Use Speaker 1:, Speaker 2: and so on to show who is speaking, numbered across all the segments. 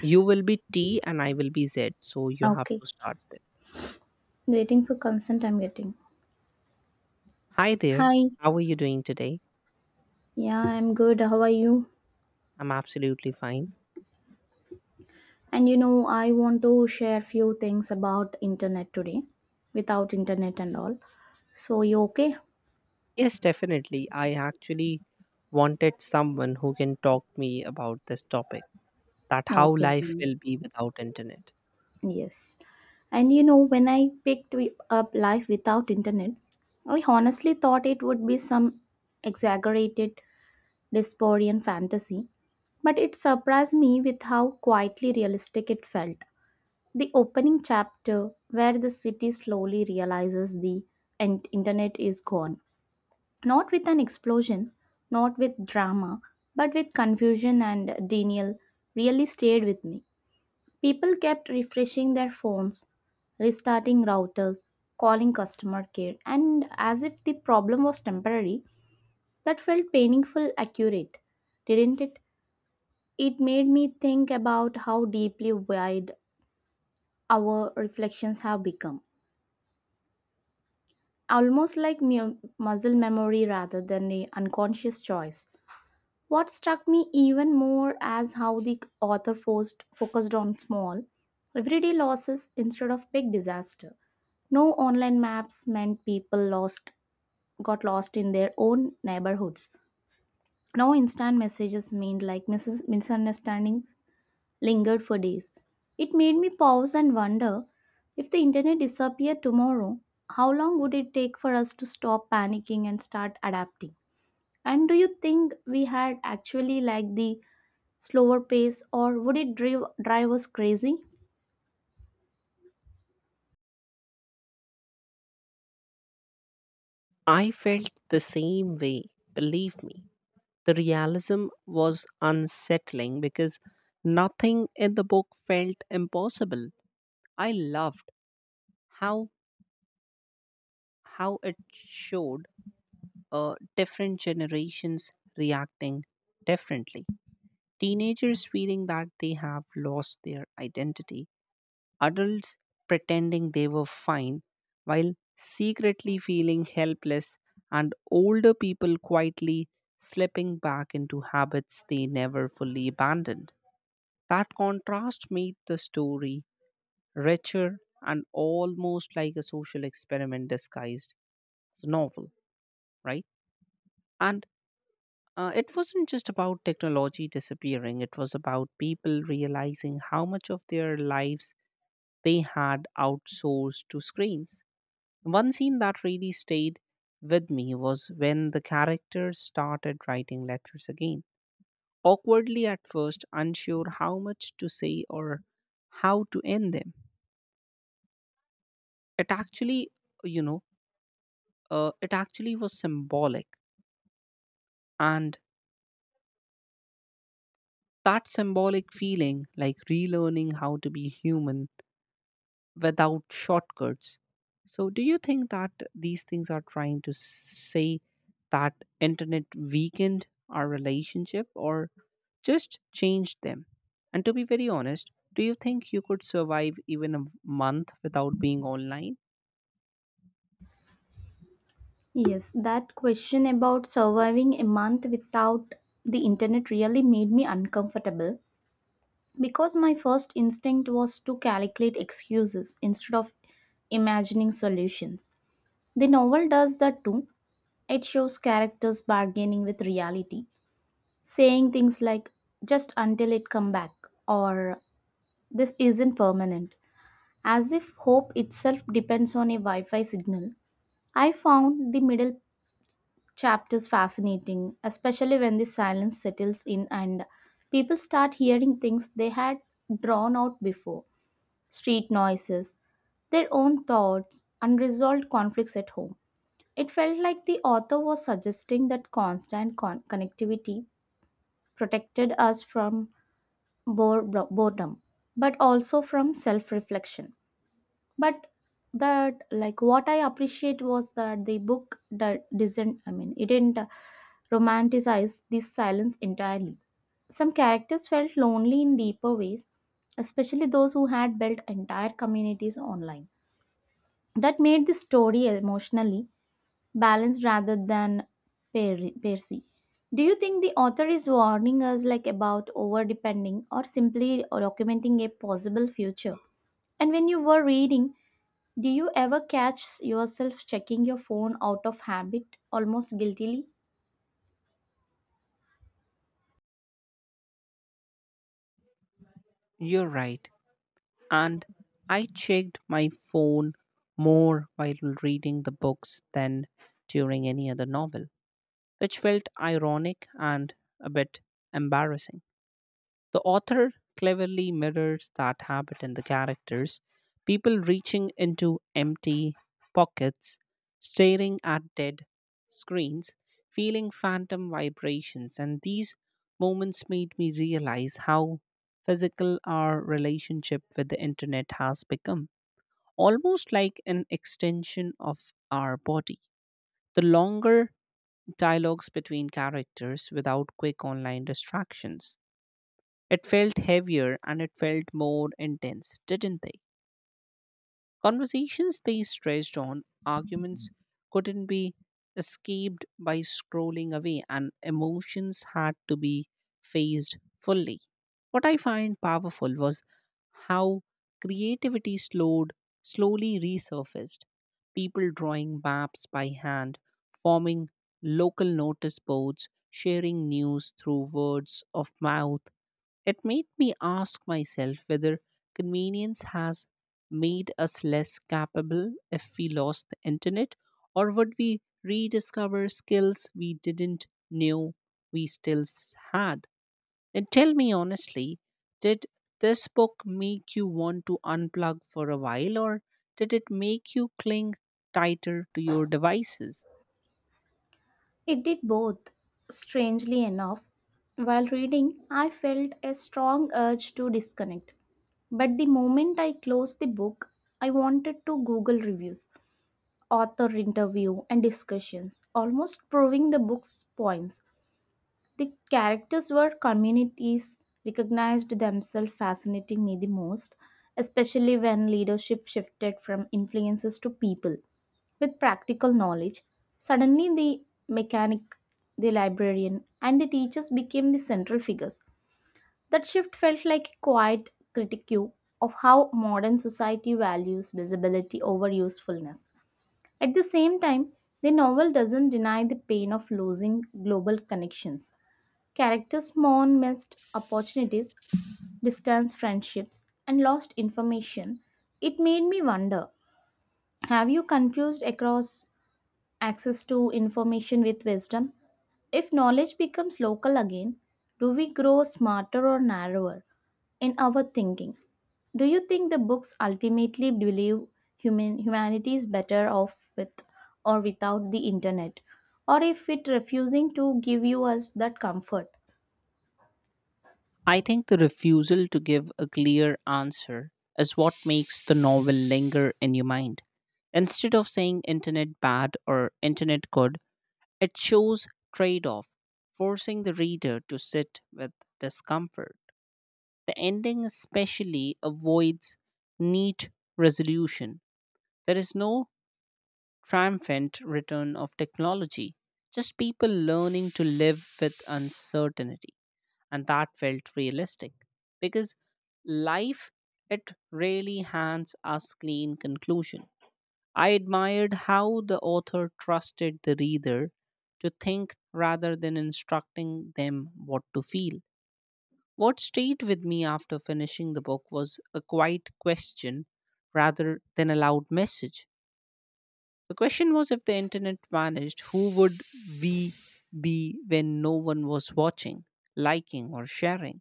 Speaker 1: You will be T and I will be Z, so you have
Speaker 2: Okay.
Speaker 1: to start there.
Speaker 2: Waiting for consent, I'm getting.
Speaker 1: Hi there,
Speaker 2: Hi.
Speaker 1: how are you doing today?
Speaker 2: Yeah, I'm good. How are you?
Speaker 1: I'm absolutely fine.
Speaker 2: And I want to share few things about internet today, without internet and all. So you okay?
Speaker 1: Yes, definitely. I actually wanted someone who can talk me about this topic, that how
Speaker 2: Okay
Speaker 1: life
Speaker 2: then.
Speaker 1: will be without internet.
Speaker 2: Yes. And when I picked up life without internet, I honestly thought it would be some exaggerated dystopian fantasy, but it surprised me with how quietly realistic it felt. The opening chapter, where the city slowly realizes the and internet is gone, not with an explosion, not with drama, but with confusion and denial, really stayed with me. People kept refreshing their phones, restarting routers, calling customer care, and as if the problem was temporary, that felt painful accurate, didn't it? It made me think about how deeply wide our reflections have become almost like muscle memory rather than a unconscious choice. What struck me even more as how the author focused on small, everyday losses instead of big disaster. No online maps meant people lost got lost in their own neighborhoods. No instant messages meant like misunderstandings lingered for days. It made me pause and wonder if the internet disappeared tomorrow, how long would it take for us to stop panicking and start adapting? And do you think we had actually like the slower pace or would it drive us crazy?
Speaker 1: I felt the same way, believe me. The realism was unsettling because nothing in the book felt impossible. I loved how how it showed different generations reacting differently. Teenagers feeling that they have lost their identity, adults pretending they were fine while secretly feeling helpless, and older people quietly slipping back into habits they never fully abandoned. That contrast made the story richer and almost like a social experiment disguised as a novel, right? And it wasn't just about technology disappearing, it was about people realizing how much of their lives they had outsourced to screens. One scene that really stayed with me was when the characters started writing letters again, awkwardly at first, unsure how much to say or how to end them. It actually, you know, it actually was symbolic. And that symbolic feeling, like relearning how to be human without shortcuts. So, do you think that these things are trying to say that internet weakened our relationship or just changed them? And to be very honest, do you think you could survive even a month without being online?
Speaker 2: Yes, that question about surviving a month without the internet really made me uncomfortable because my first instinct was to calculate excuses instead of imagining solutions. The novel does that too. It shows characters bargaining with reality, saying things like just until it come back or this isn't permanent, as if hope itself depends on a Wi-Fi signal. I found the middle chapters fascinating, especially when the silence settles in and people start hearing things they had drawn out before. Street noises, their own thoughts, unresolved conflicts at home. It felt like the author was suggesting that constant connectivity protected us from bore- boredom, but also from self reflection. But that, like, what I appreciate was that the book doesn't, I mean, it didn't romanticize this silence entirely. Some characters felt lonely in deeper ways, especially those who had built entire communities online. That made the story emotionally balanced rather than Percy. Do you think the author is warning us like about over depending or simply documenting a possible future? And when you were reading, do you ever catch yourself checking your phone out of habit, almost guiltily?
Speaker 1: You're right. And I checked my phone more while reading the books than during any other novel, which felt ironic and a bit embarrassing. The author cleverly mirrors that habit in the characters, people reaching into empty pockets, staring at dead screens, feeling phantom vibrations, and these moments made me realize how physical our relationship with the internet has become, almost like an extension of our body. The longer dialogues between characters without quick online distractions, it felt heavier and it felt more intense, didn't they? Conversations, they stretched on, arguments couldn't be escaped by scrolling away, and emotions had to be faced fully. What I find powerful was how creativity slowly resurfaced. People drawing maps by hand, forming local notice boards, sharing news through words of mouth, it made me ask myself whether convenience has made us less capable if we lost the internet, or would we rediscover skills we didn't know we still had? And tell me honestly, did this book make you want to unplug for a while, or did it make you cling tighter to your devices?
Speaker 2: It did both. Strangely enough, while reading, I felt a strong urge to disconnect. But the moment I closed the book, I wanted to Google reviews, author interview and discussions, almost proving the book's points. The characters were communities recognized themselves fascinating me the most, especially when leadership shifted from influences to people with practical knowledge. Suddenly, the mechanic, the librarian, and the teachers became the central figures. That shift felt like a quiet critique of how modern society values visibility over usefulness. At the same time, the novel doesn't deny the pain of losing global connections. Characters mourn missed opportunities, distance friendships, and lost information. It made me wonder have you confused across access to information with wisdom. If knowledge becomes local again, do we grow smarter or narrower in our thinking? Do you think the books ultimately believe humanity is better off with or without the internet? Or if it refusing to give you us that comfort?
Speaker 1: I think the refusal to give a clear answer is what makes the novel linger in your mind. Instead of saying internet bad or internet good, it shows trade off, forcing the reader to sit with discomfort. The ending especially avoids neat resolution. There is no triumphant return of technology, just people learning to live with uncertainty. And that felt realistic because life, it really hands us clean conclusion. I admired how the author trusted the reader to think rather than instructing them what to feel. What stayed with me after finishing the book was a quiet question rather than a loud message. The question was, if the internet vanished, who would we be when no one was watching, liking, or sharing?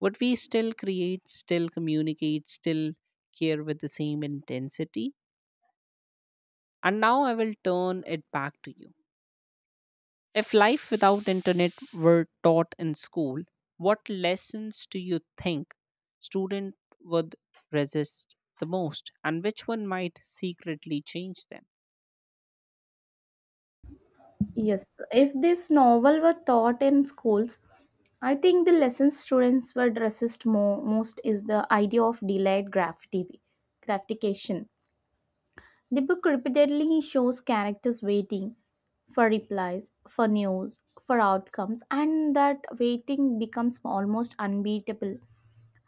Speaker 1: Would we still create, still communicate, still care with the same intensity? And now I will turn it back to you. If life without internet were taught in school, what lessons do you think student would resist the most and which one might secretly change them?
Speaker 2: Yes, if this novel were taught in schools, I think the lessons students would resist more most is the idea of delayed gratification. The book repeatedly shows characters waiting for replies, for news, for outcomes, and that waiting becomes almost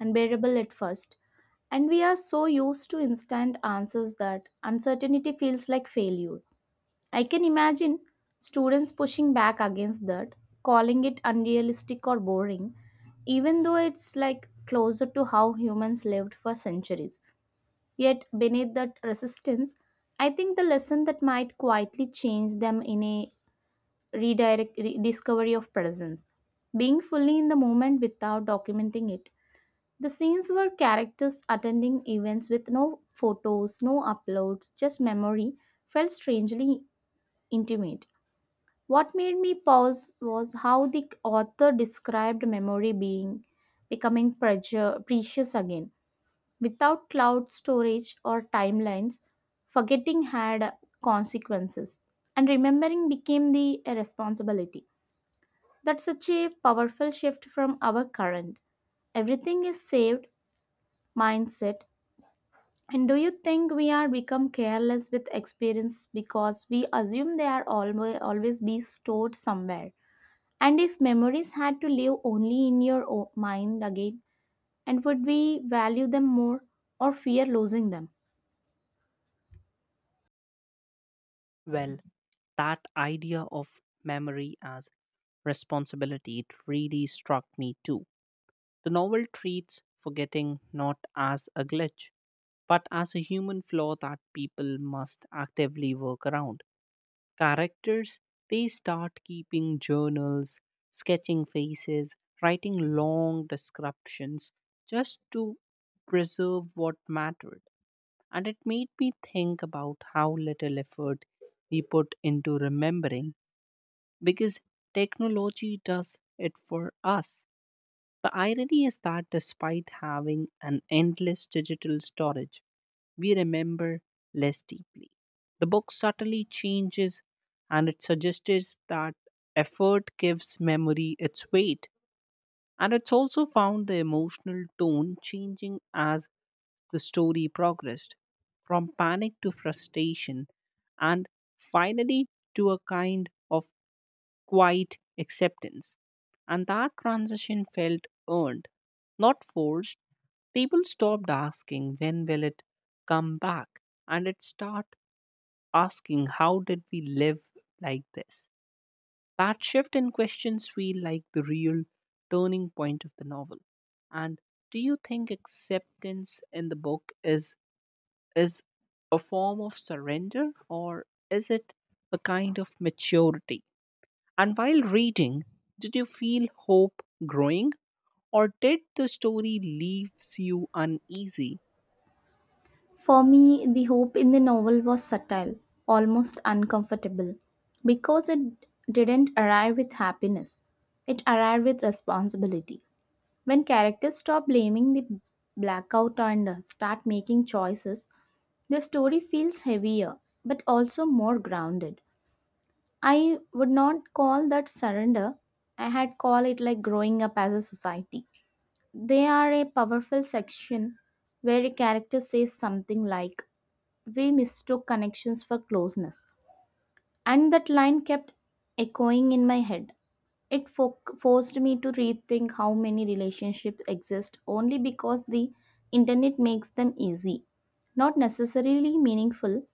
Speaker 2: unbearable at first. And we are so used to instant answers that uncertainty feels like failure. I can imagine students pushing back against that, calling it unrealistic or boring, even though it's like closer to how humans lived for centuries. Yet, beneath that resistance, I think the lesson that might quietly change them in a redirect rediscovery of presence, being fully in the moment without documenting it. The scenes were characters attending events with no photos, no uploads, just memory, felt strangely intimate. What made me pause was how the author described memory being becoming precious again. Without cloud storage or timelines, forgetting had consequences, and remembering became the responsibility. That's such a powerful shift from our current. Everything is saved mindset. And do you think we are become careless with experience because we assume they are always be stored somewhere? And if memories had to live only in your mind again, and would we value them more or fear losing them?
Speaker 1: Well, that idea of memory as responsibility, it really struck me too. The novel treats forgetting not as a glitch, but as a human flaw that people must actively work around. Characters, they start keeping journals, sketching faces, writing long descriptions just to preserve what mattered. And it made me think about how little effort we put into remembering because technology does it for us. The irony is that despite having an endless digital storage, we remember less deeply. The book subtly changes and it suggests that effort gives memory its weight. And it's also found the emotional tone changing as the story progressed from panic to frustration and finally to a kind of quiet acceptance. And that transition felt earned, not forced. People stopped asking, when will it come back? And it start asking, how did we live like this? That shift in questions feel like the real turning point of the novel. And do you think acceptance in the book is a form of surrender or is it a kind of maturity? And while reading, did you feel hope growing or did the story leaves you uneasy?
Speaker 2: For me, the hope in the novel was subtle, almost uncomfortable, because it didn't arrive with happiness. It arrived with responsibility. When characters stop blaming the blackout and start making choices, the story feels heavier but also more grounded. I would not call that surrender. I had called it like growing up as a society. They are a powerful section where a character says something like, we mistook connections for closeness. And that line kept echoing in my head. It forced me to rethink how many relationships exist only because the internet makes them easy, not necessarily meaningful.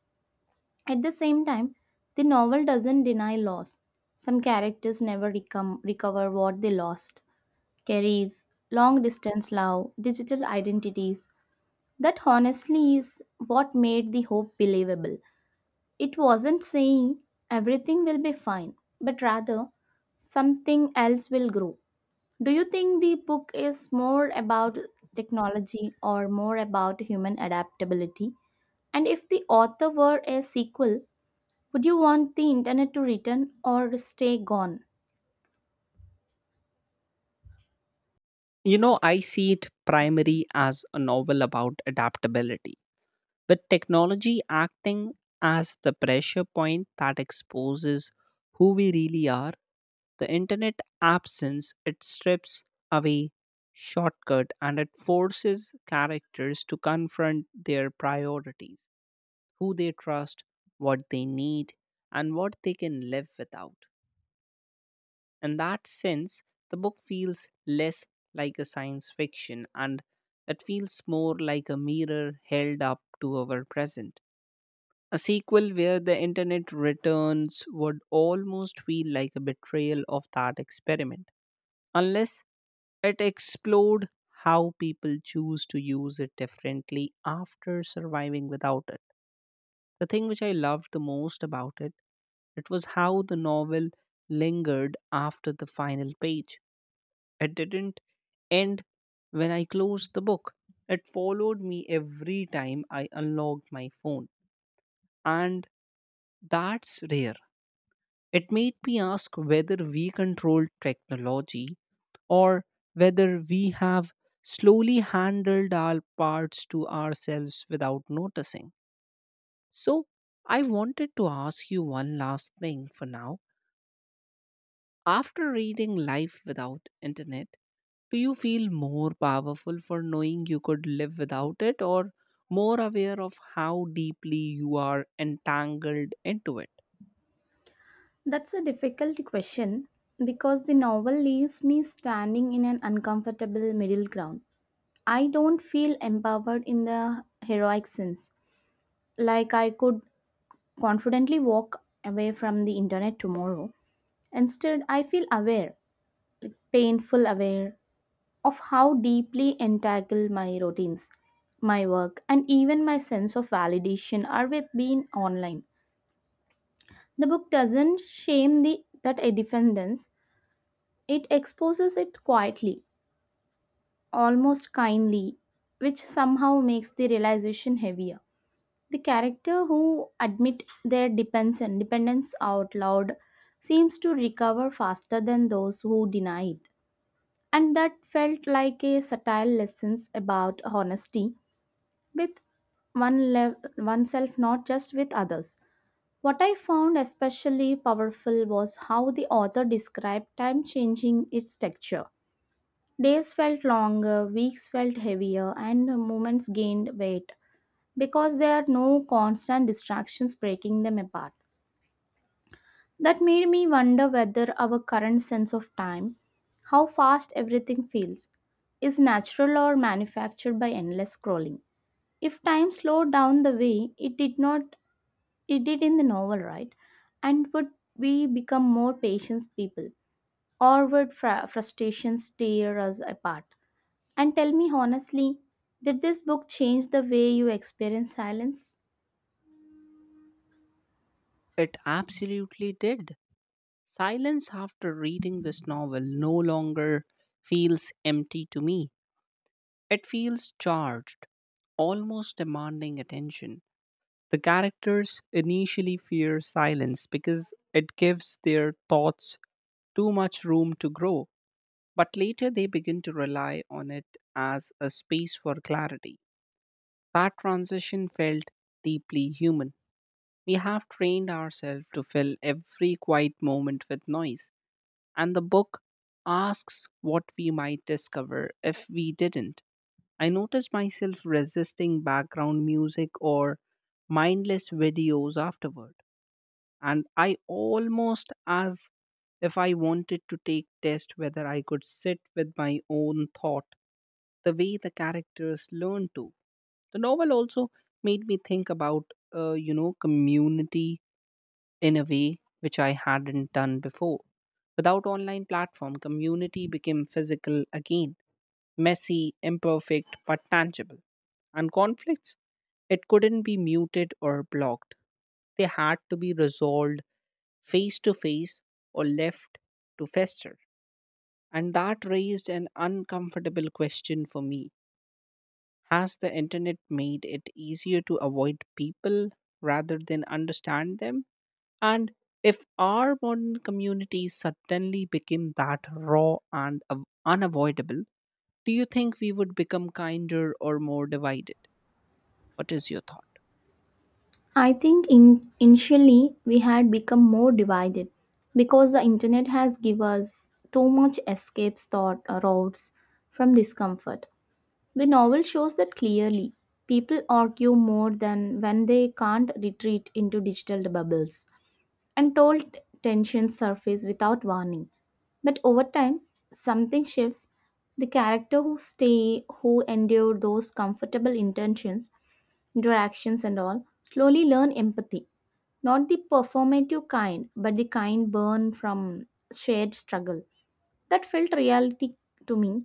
Speaker 2: At the same time, the novel doesn't deny loss. Some characters never recover what they lost. Careers, long distance love, digital identities. That honestly is what made the hope believable. It wasn't saying everything will be fine, but rather something else will grow. Do you think the book is more about technology or more about human adaptability? And if the author were a sequel, would you want the internet to return or stay gone?
Speaker 1: You know, I see it primarily as a novel about adaptability, with technology acting as the pressure point that exposes who we really are. The internet absence, it strips away shortcut and it forces characters to confront their priorities, who they trust, what they need, and what they can live without. In that sense, the book feels less like a science fiction and it feels more like a mirror held up to our present. A sequel where the internet returns would almost feel like a betrayal of that experiment, unless it explored how people choose to use it differently after surviving without it. The thing which I loved the most about it, it was how the novel lingered after the final page. It didn't end when I closed the book. It followed me every time I unlocked my phone. And that's rare. It made me ask whether we control technology or whether we have slowly handled our parts to ourselves without noticing. So, I wanted to ask you one last thing for now. After reading Life Without Internet, do you feel more powerful for knowing you could live without it or more aware of how deeply you are entangled into it?
Speaker 2: That's a difficult question because the novel leaves me standing in an uncomfortable middle ground. I don't feel empowered in the heroic sense, like I could confidently walk away from the internet tomorrow. Instead, I feel aware, painful aware, of how deeply entangled my routines, my work, and even my sense of validation are with being online. The book doesn't shame the that independence; it exposes it quietly, almost kindly, which somehow makes the realization heavier. The character who admit their depends dependence out loud seems to recover faster than those who deny it. And that felt like a subtle lesson about honesty with oneself, not just with others. What I found especially powerful was how the author described time changing its texture. Days felt longer, weeks felt heavier, and moments gained weight because there are no constant distractions breaking them apart. That made me wonder whether our current sense of time, how fast everything feels, is natural or manufactured by endless scrolling. If time slowed down the way it did not it did in the novel, right? And would we become more patient people, or would frustrations tear us apart? And tell me honestly, did this book change the way you experience silence?
Speaker 1: It absolutely did. Silence after reading this novel no longer feels empty to me. It feels charged, almost demanding attention. The characters initially fear silence because it gives their thoughts too much room to grow, but later they begin to rely on it as a space for clarity. That transition felt deeply human. We have trained ourselves to fill every quiet moment with noise, and the book asks what we might discover if we didn't. I noticed myself resisting background music or mindless videos afterward, and I almost as if I wanted to take test whether I could sit with my own thought the way the characters learn to. The novel also made me think about you know community in a way which I hadn't done before. Without online platform, community became physical again, messy, imperfect, but tangible, and conflicts, it couldn't be muted or blocked, they had to be resolved face to face or left to fester. And that raised an uncomfortable question for me. Has the internet made it easier to avoid people rather than understand them? And if our modern communities suddenly became that raw and unavoidable, do you think we would become kinder or more divided? What is your thought?
Speaker 2: I think initially we had become more divided because the internet has given us too much escape thought routes from discomfort. The novel shows that clearly. People argue more than when they can't retreat into digital bubbles and told tensions surface without warning. But over time, something shifts. The character who stay, who endure those interactions and all, slowly learn empathy. Not the performative kind, but the kind born from shared struggle. That felt reality to me.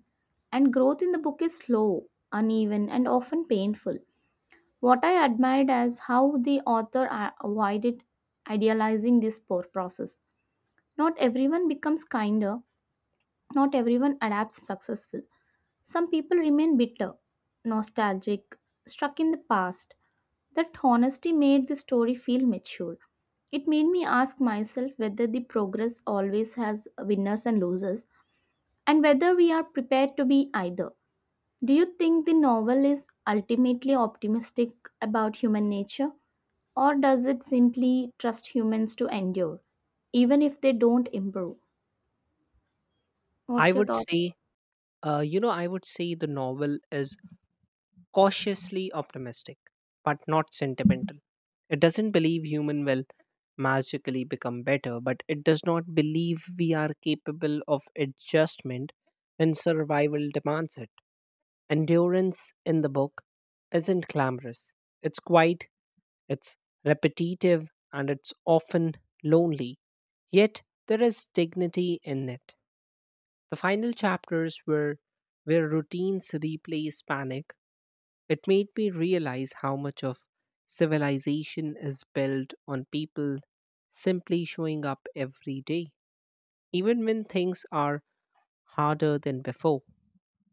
Speaker 2: And growth in the book is slow, uneven, and often painful. What I admired is how the author avoided idealizing this poor process. Not everyone becomes kinder, not everyone adapts successful, some people remain bitter, nostalgic, struck in the past. That honesty made the story feel mature. It made me ask myself whether the progress always has winners and losers, and whether we are prepared to be either. Do you think the novel is ultimately optimistic about human nature, or does it simply trust humans to endure, even if they don't improve?
Speaker 1: I
Speaker 2: What's your
Speaker 1: would
Speaker 2: thought?
Speaker 1: say, you know, I would say the novel is cautiously optimistic, but not sentimental. It doesn't believe human will magically become better, but it does not believe we are capable of adjustment when survival demands it. Endurance in the book isn't glamorous. It's quiet, it's repetitive, and it's often lonely. Yet there is dignity in it. The final chapters, were where routines replace panic, it made me realize how much of civilization is built on people simply showing up every day, even when things are harder than before.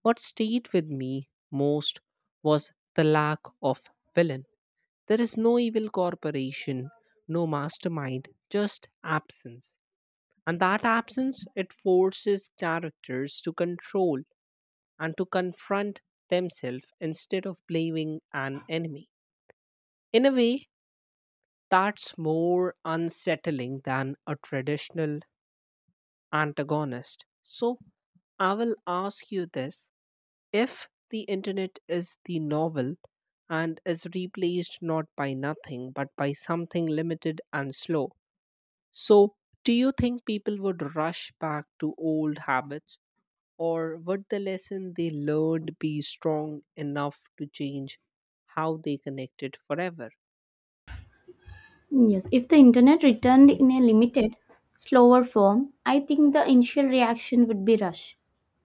Speaker 1: What stayed with me most was the lack of villain. There is no evil corporation, no mastermind, just absence. And that absence, it forces characters to control and to confront themselves instead of blaming an enemy. In a way, that's more unsettling than a traditional antagonist. So, I will ask you this, if the internet is the novel and is replaced not by nothing but by something limited and slow, so do you think people would rush back to old habits or would the lesson they learned be strong enough to change how they connected forever?
Speaker 2: Yes, if the internet returned in a limited, slower form, I think the initial reaction would be rush.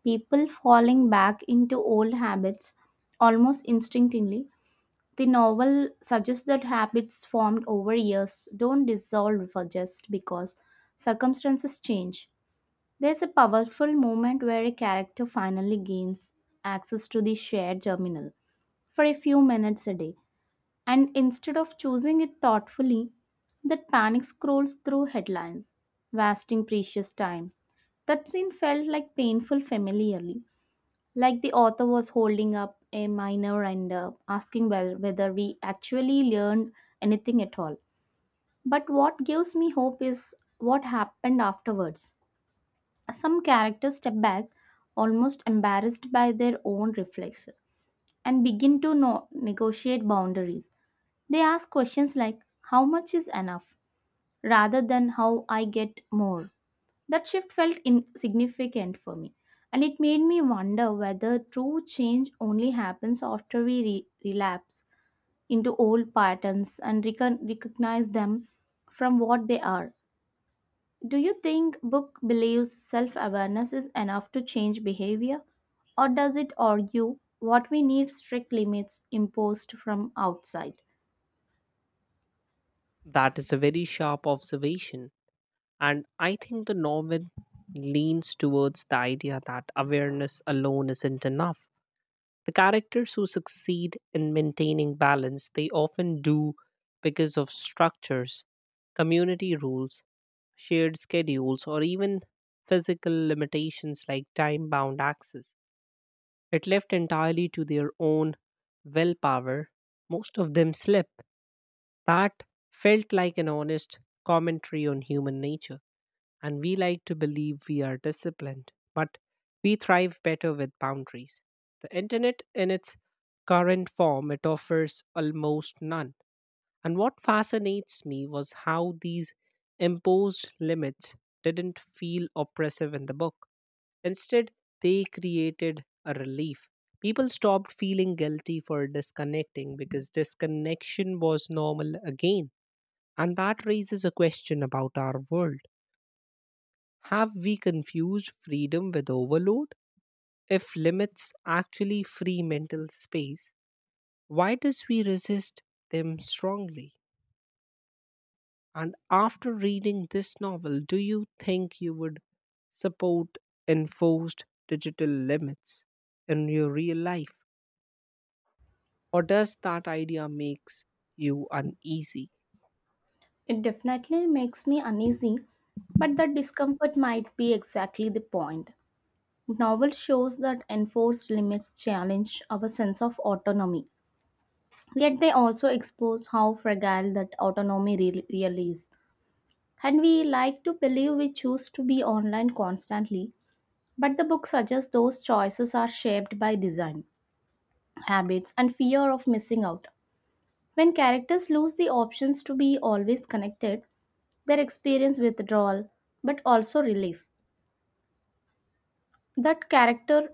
Speaker 2: People falling back into old habits almost instinctively. The novel suggests that habits formed over years don't dissolve for just because circumstances change. There's a powerful moment where a character finally gains access to the shared terminal for a few minutes a day and instead of choosing it thoughtfully, that panic scrolls through headlines, wasting precious time. That scene felt like painful familiarly, like the author was holding up a minor and asking whether we actually learned anything at all. But what gives me hope is what happened afterwards. Some characters step back, almost embarrassed by their own reflex, and begin to negotiate boundaries. They ask questions like, how much is enough, rather than how I get more. That shift felt insignificant for me, and it made me wonder whether true change only happens after we relapse into old patterns and recognize them from what they are. Do you think book believes self awareness is enough to change behavior? Or does it argue what we need strict limits imposed from outside?
Speaker 1: That is a very sharp observation. And I think the novel leans towards the idea that awareness alone isn't enough. The characters who succeed in maintaining balance, they often do because of structures, community rules, shared schedules, or even physical limitations like time bound access. It left entirely to their own willpower, most of them slip. That felt like an honest commentary on human nature, and we like to believe we are disciplined, but we thrive better with boundaries. The internet, in its current form, it offers almost none. And what fascinates me was how these imposed limits didn't feel oppressive in the book. Instead, they created a relief. People stopped feeling guilty for disconnecting because disconnection was normal again. And that raises a question about our world. Have we confused freedom with overload? If limits actually free mental space, why does we resist them strongly? And after reading this novel, do you think you would support enforced digital limits in your real life? Or does that idea makes you uneasy?
Speaker 2: It definitely makes me uneasy, but that discomfort might be exactly the point. Novel shows that enforced limits challenge our sense of autonomy, yet they also expose how fragile that autonomy really is. And we like to believe we choose to be online constantly, but the book suggests those choices are shaped by design, habits, and fear of missing out. When characters lose the options to be always connected, their experience withdrawal but also relief, that character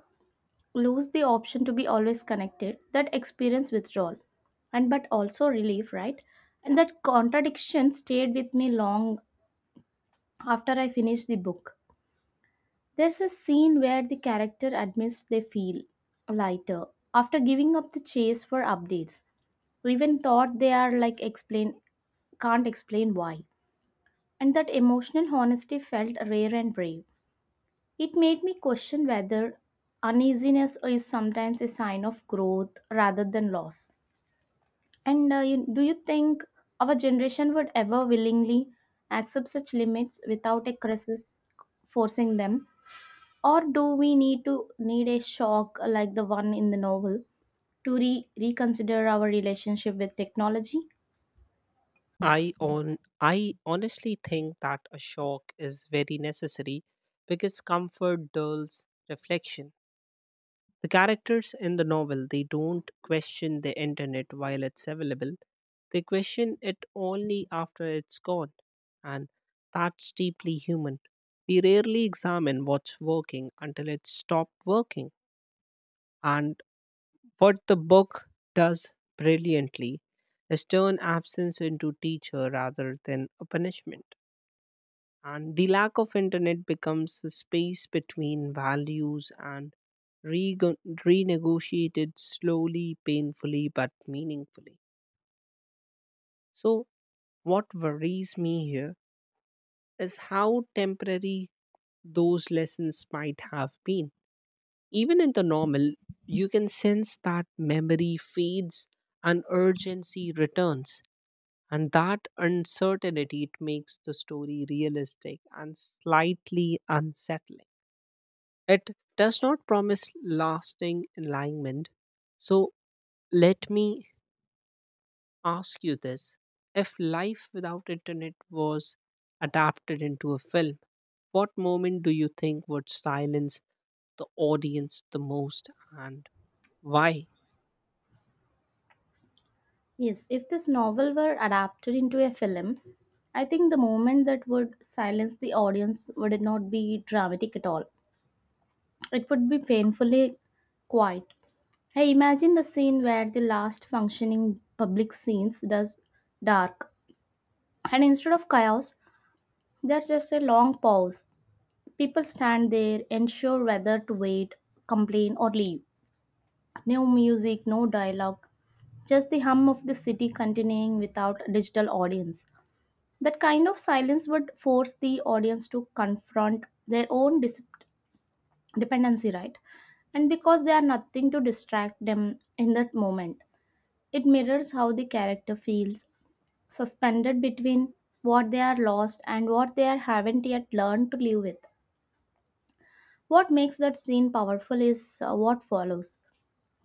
Speaker 2: lose the option to be always connected that experience withdrawal and but also relief, right? And that contradiction stayed with me long after I finished the book. There's a scene where the character admits they feel lighter after giving up the chase for updates. We even thought they are like explain can't explain why, and that emotional honesty felt rare and brave. It made me question whether uneasiness is sometimes a sign of growth rather than loss. And do you think our generation would ever willingly accept such limits without a crisis forcing them? Or do we need a shock like the one in the novel to reconsider our relationship with technology?
Speaker 1: I honestly think that a shock is very necessary because comfort dulls reflection. The characters in the novel, they don't question the internet while it's available. They question it only after it's gone. And that's deeply human. We rarely examine what's working until it stops working. And what the book does brilliantly is turn absence into teacher rather than a punishment, and the lack of internet becomes a space between values and rego- renegotiated, slowly, painfully, but meaningfully. So what worries me here is how temporary those lessons might have been. Even in the normal, you can sense that memory fades and urgency returns, and that uncertainty, it makes the story realistic and slightly unsettling. It does not promise lasting enlightenment. So let me ask you this. If life without internet was adapted into a film, what moment do you think would silence the audience the most and why?
Speaker 2: Yes, if this novel were adapted into a film, I think the moment that would silence the audience would not be dramatic at all. It would be painfully quiet. I imagine the scene where the last functioning public scenes does dark, and instead of chaos, there's just a long pause. People stand there, unsure whether to wait, complain, or leave. No music, no dialogue, just the hum of the city continuing without a digital audience. That kind of silence would force the audience to confront their own dependency, right? And because they are nothing to distract them in that moment, it mirrors how the character feels suspended between what they are lost and what they are haven't yet learned to live with. What makes that scene powerful is what follows.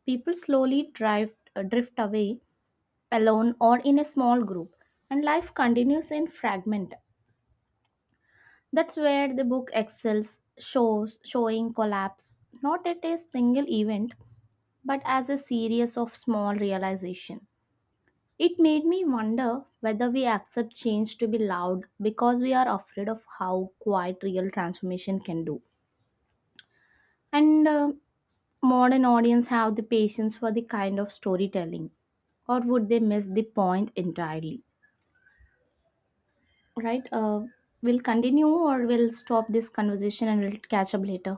Speaker 2: People slowly drive drift away alone or in a small group, and life continues in fragment. That's where the book excels, shows showing collapse, not at a single event but as a series of small realization. It made me wonder whether we accept change to be loud because we are afraid of how quiet real transformation can do. And modern audience have the patience for the kind of storytelling or would they miss the point entirely? Right? We'll continue or we'll stop this conversation and we'll catch up later.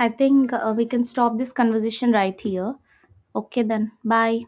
Speaker 2: I think we can stop this conversation right here. Okay, then. Bye.